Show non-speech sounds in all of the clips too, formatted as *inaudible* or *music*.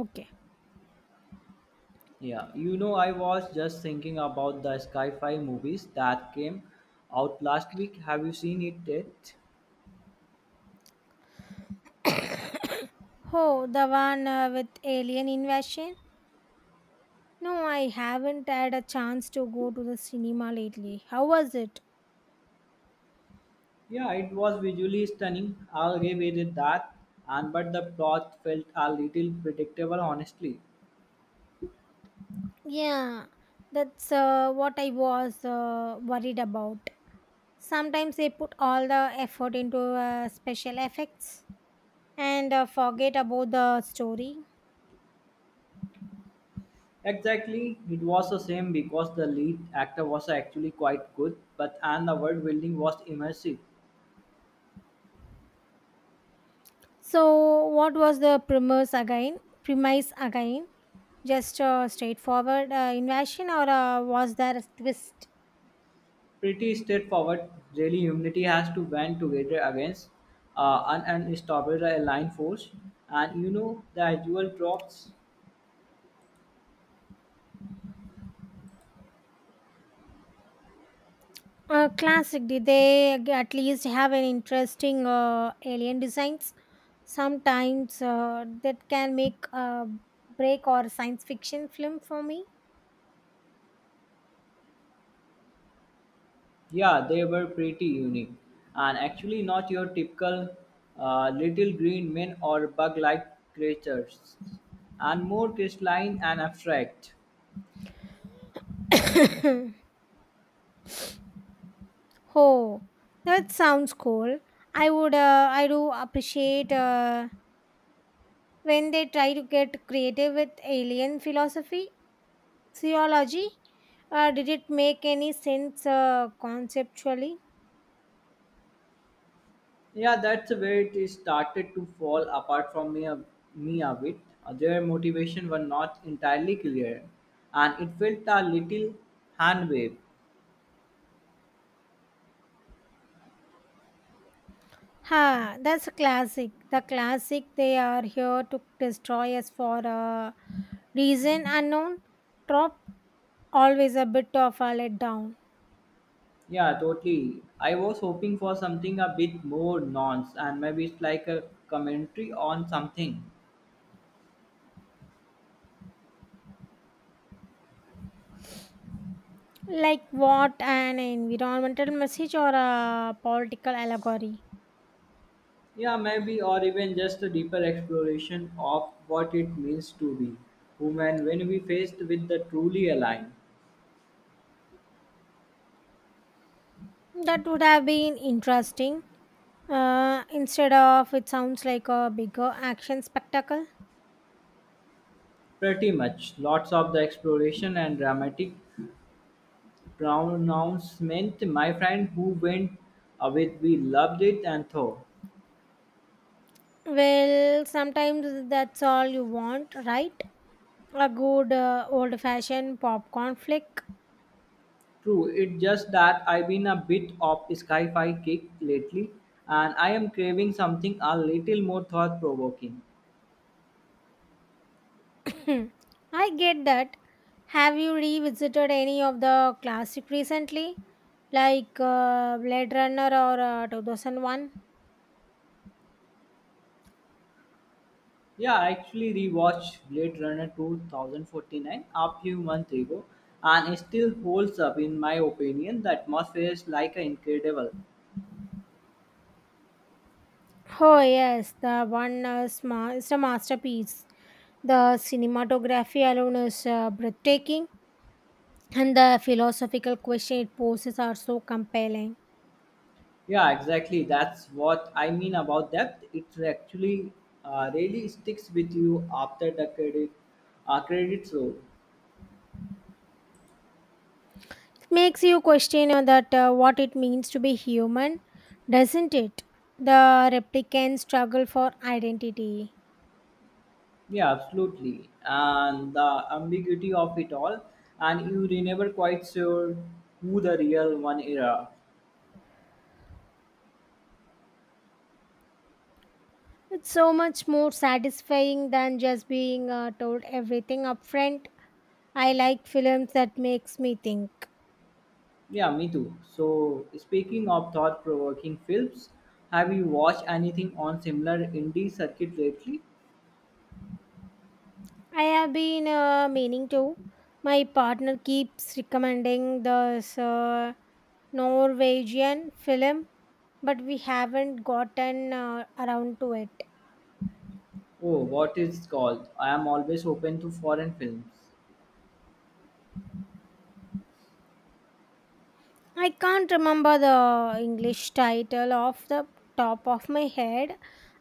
Okay. Yeah, you know, I was just thinking about the sci-fi movies that came out last week. Have you seen it yet? *coughs* Oh, the one with Alien Invasion? No, I haven't had a chance to go to the cinema lately. How was it? Yeah, it was visually stunning. I'll give it that. And but the plot felt a little predictable, honestly. Yeah, that's what I was worried about. Sometimes they put all the effort into special effects and forget about the story. Exactly, it was the same because the lead actor was actually quite good, but and the world building was immersive. So, what was the premise again? Just straightforward invasion, or was there a twist? Pretty straightforward. Really, humanity has to band together against an unstoppable alien force. And you know, the usual drops, Classic. Did they at least have an interesting alien designs? Sometimes that can make a break or science fiction film for me. *laughs* yeah, they were pretty unique. And actually, not your typical little green men or bug like creatures, and more crystalline and abstract. *coughs* oh, that sounds cool. I would. I do appreciate when they try to get creative with alien philosophy, theology. Did it make any sense conceptually? Yeah, that's where it started to fall apart from me a bit. Their motivation were not entirely clear, and it felt a little hand wave. Ha, that's a classic. The classic they are here to destroy us for a reason unknown. Trop always a bit of a letdown. Yeah, totally. I was hoping for something a bit more nuanced and maybe it's like a commentary on something. Like what, an environmental message or a political allegory? Yeah, maybe, or even just a deeper exploration of what it means to be human when we faced with the truly aligned. That would have been interesting. Instead of, it sounds like a bigger action spectacle. Pretty much, lots of the exploration and dramatic pronouncement. My friend who went with we loved it and thought. Well, sometimes that's all you want, right? A good old fashioned popcorn flick. True, it's just that I've been a bit of sci fi kick lately and I am craving something a little more thought provoking. *clears throat* I get that. Have you revisited any of the classic recently, like Blade Runner or 2001? Yeah, I actually rewatched Blade Runner 2049 a few months ago and it still holds up, in my opinion. The atmosphere is like a incredible. Oh yes, the one is a masterpiece. The cinematography alone is breathtaking, and the philosophical question it poses are so compelling. Yeah, exactly. That's what I mean about depth. It actually really sticks with you after the credits roll. Makes you question that what it means to be human, doesn't it? The replicants struggle for identity. Yeah, absolutely. And the ambiguity of it all, and you are never quite sure who the real one era. It's so much more satisfying than just being told everything upfront. I like films that makes me think. Yeah, me too. So, speaking of thought provoking films, have you watched anything on similar indie circuit lately? I have been meaning to. My partner keeps recommending this Norwegian film, but we haven't gotten around to it. Oh, what is it called? I am always open to foreign films. I can't remember the English title off the top of my head,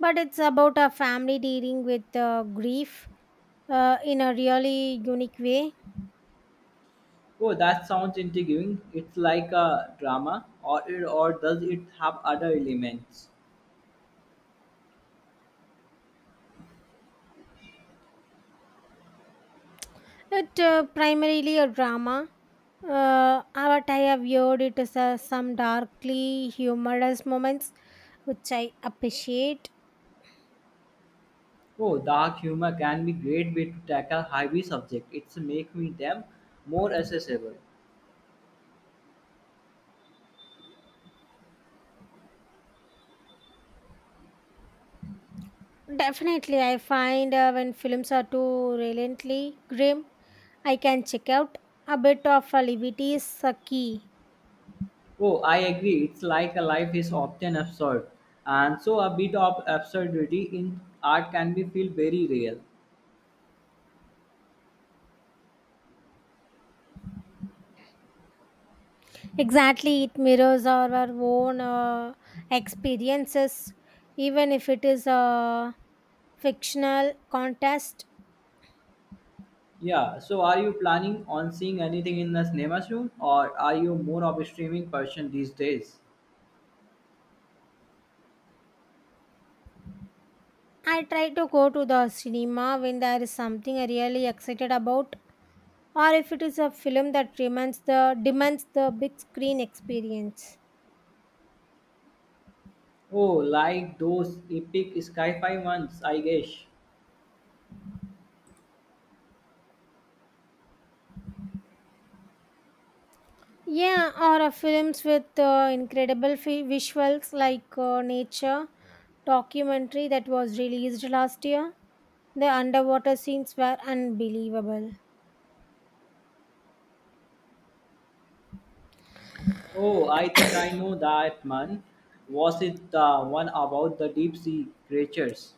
but it's about a family dealing with grief in a really unique way. Oh, that sounds intriguing. It's like a drama, or does it have other elements? It primarily a drama. What I have heard, it is some darkly humorous moments, which I appreciate. Oh, dark humor can be great way to tackle heavy subject. It's making them more accessible. Definitely, I find when films are too relentlessly grim, I can check out. A bit of a levity is a key. Oh, I agree. It's like a life is often absurd, and so a bit of absurdity in art can be feel very real. Exactly, it mirrors our own experiences, even if it is a fictional contest. Yeah. So, are you planning on seeing anything in the cinema soon, or are you more of a streaming person these days? I try to go to the cinema when there is something I really excited about, or if it is a film that demands the big screen experience. Oh, like those epic sci-fi ones, I guess. Yeah, or a films with incredible visuals, like nature documentary that was released last year. The underwater scenes were unbelievable. Oh, I think I know that man. Was it the one about the deep sea creatures?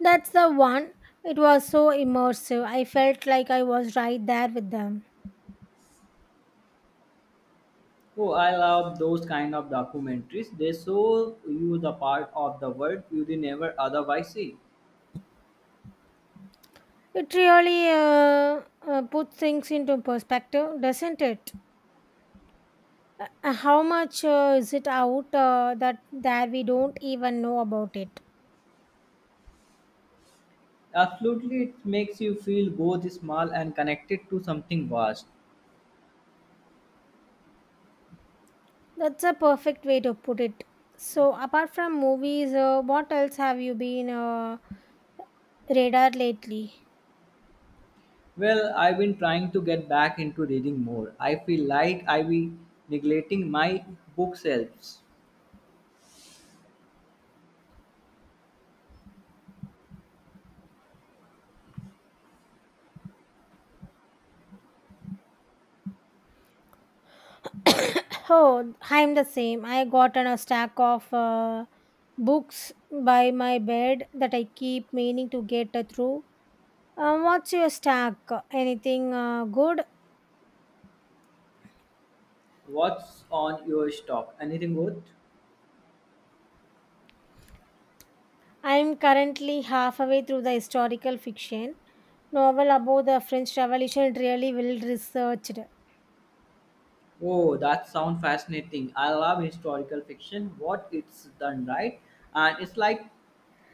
That's the one. It was so immersive. I felt like I was right there with them. Oh, I love those kind of documentaries. They show you the part of the world you would never otherwise see. It really puts things into perspective, doesn't it? How much is it out that we don't even know about it? Absolutely, it makes you feel both small and connected to something vast. That's a perfect way to put it. So, apart from movies, what else have you been radar lately? Well, I've been trying to get back into reading more. I feel like I've been neglecting my bookshelves. *coughs* Oh, I'm the same. I gotten a stack of books by my bed that I keep meaning to get through. What's your stack? Anything good? What's on your stock? Anything good? I'm currently halfway through the historical fiction novel about the French Revolution. It really well researched. Oh, that sounds fascinating. I love historical fiction, what it's done right, and it's like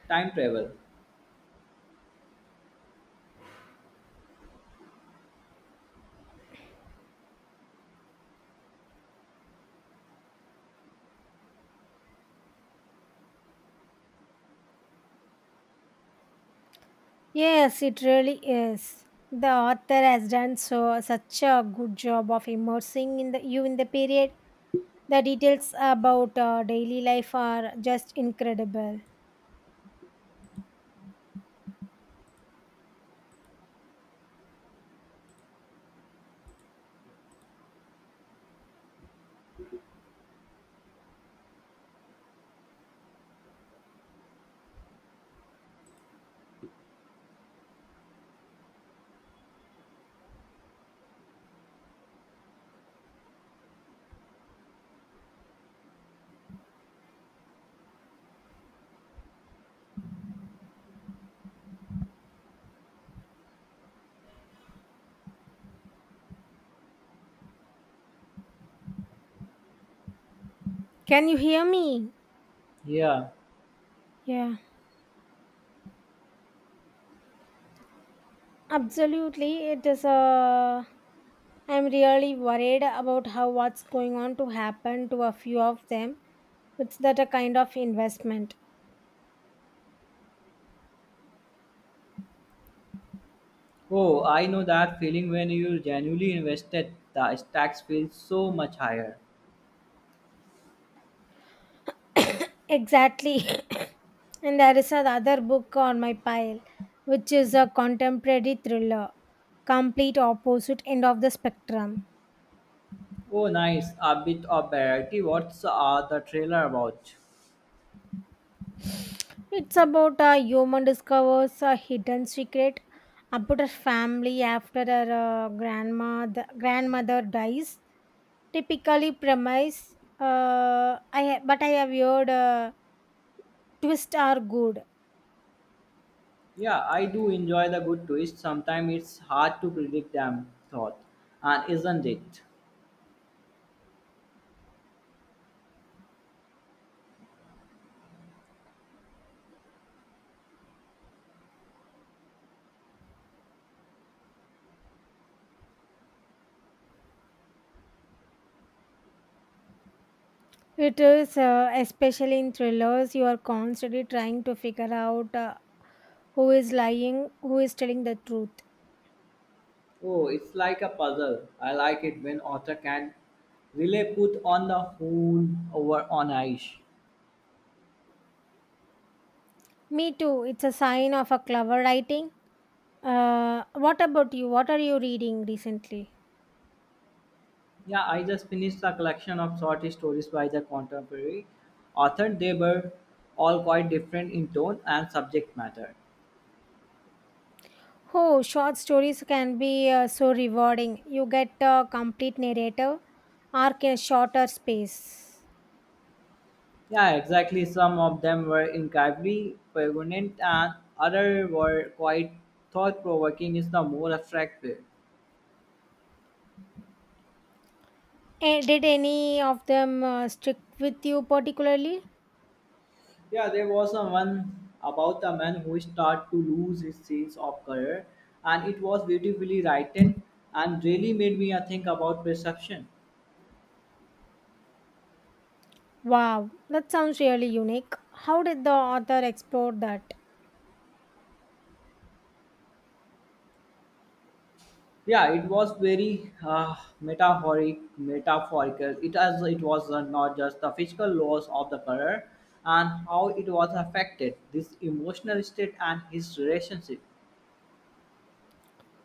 time travel. Yes, it really is. The author has done so such a good job of immersing in the you in the period. The details about daily life are just incredible. Can you hear me? Yeah. Yeah. Absolutely, it is a. I'm really worried about how what's going on to happen to a few of them. It's that a kind of investment. Oh, I know that feeling when you're genuinely invested, the stakes feel so much higher. Exactly. *coughs* And there is another book on my pile, which is a contemporary thriller, complete opposite end of the spectrum. Oh, nice. A bit of variety. What's the trailer about? It's about a human discovers a hidden secret about her family after her grandma grandmother dies. Typically premise, but I have heard twists are good. Yeah, I do enjoy the good twist. Sometimes it's hard to predict them, thought, and isn't it? It is especially in thrillers, you are constantly trying to figure out who is lying, who is telling the truth. Oh, it's like a puzzle. I like it when author can really put on the whole over on ice. Me too, it's a sign of a clever writing. What about you, what are you reading recently? Yeah, I just finished a collection of short stories by the contemporary author. They were all quite different in tone and subject matter. Oh, short stories can be so rewarding, you get a complete narrative arc in a shorter space. Yeah, exactly. Some of them were incredibly poignant and other were quite thought-provoking in the more abstract way. Eh, did any of them stick with you particularly? Yeah, there was a one about a man who started to lose his sense of color, and it was beautifully written and really made me think about perception. Wow, that sounds really unique. How did the author explore that? Yeah, it was very metaphorical. It as it was not just the physical loss of the color and how it was affected this emotional state and his relationship.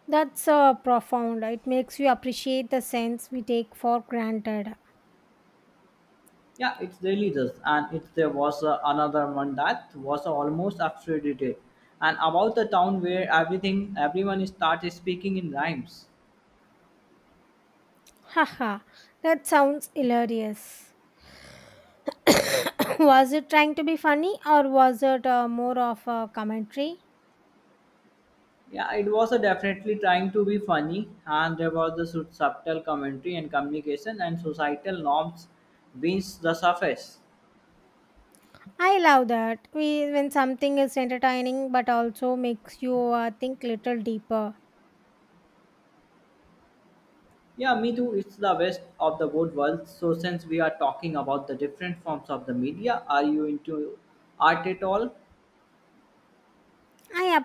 That's profound. It makes you appreciate the sense we take for granted. Yeah, it's religious, and it there was another one that was almost absurdity, and about the town where everything everyone started speaking in rhymes. Haha, that sounds hilarious. *coughs* *clears throat* Was it trying to be funny, or was it more of a commentary? Yeah, it was definitely trying to be funny, and there was the subtle commentary and communication and societal norms beneath the surface. I love that. We, when something is entertaining but also makes you think little deeper. Yeah, me too. It's the best of the both worlds. So since we are talking about the different forms of the media, are you into art at all? I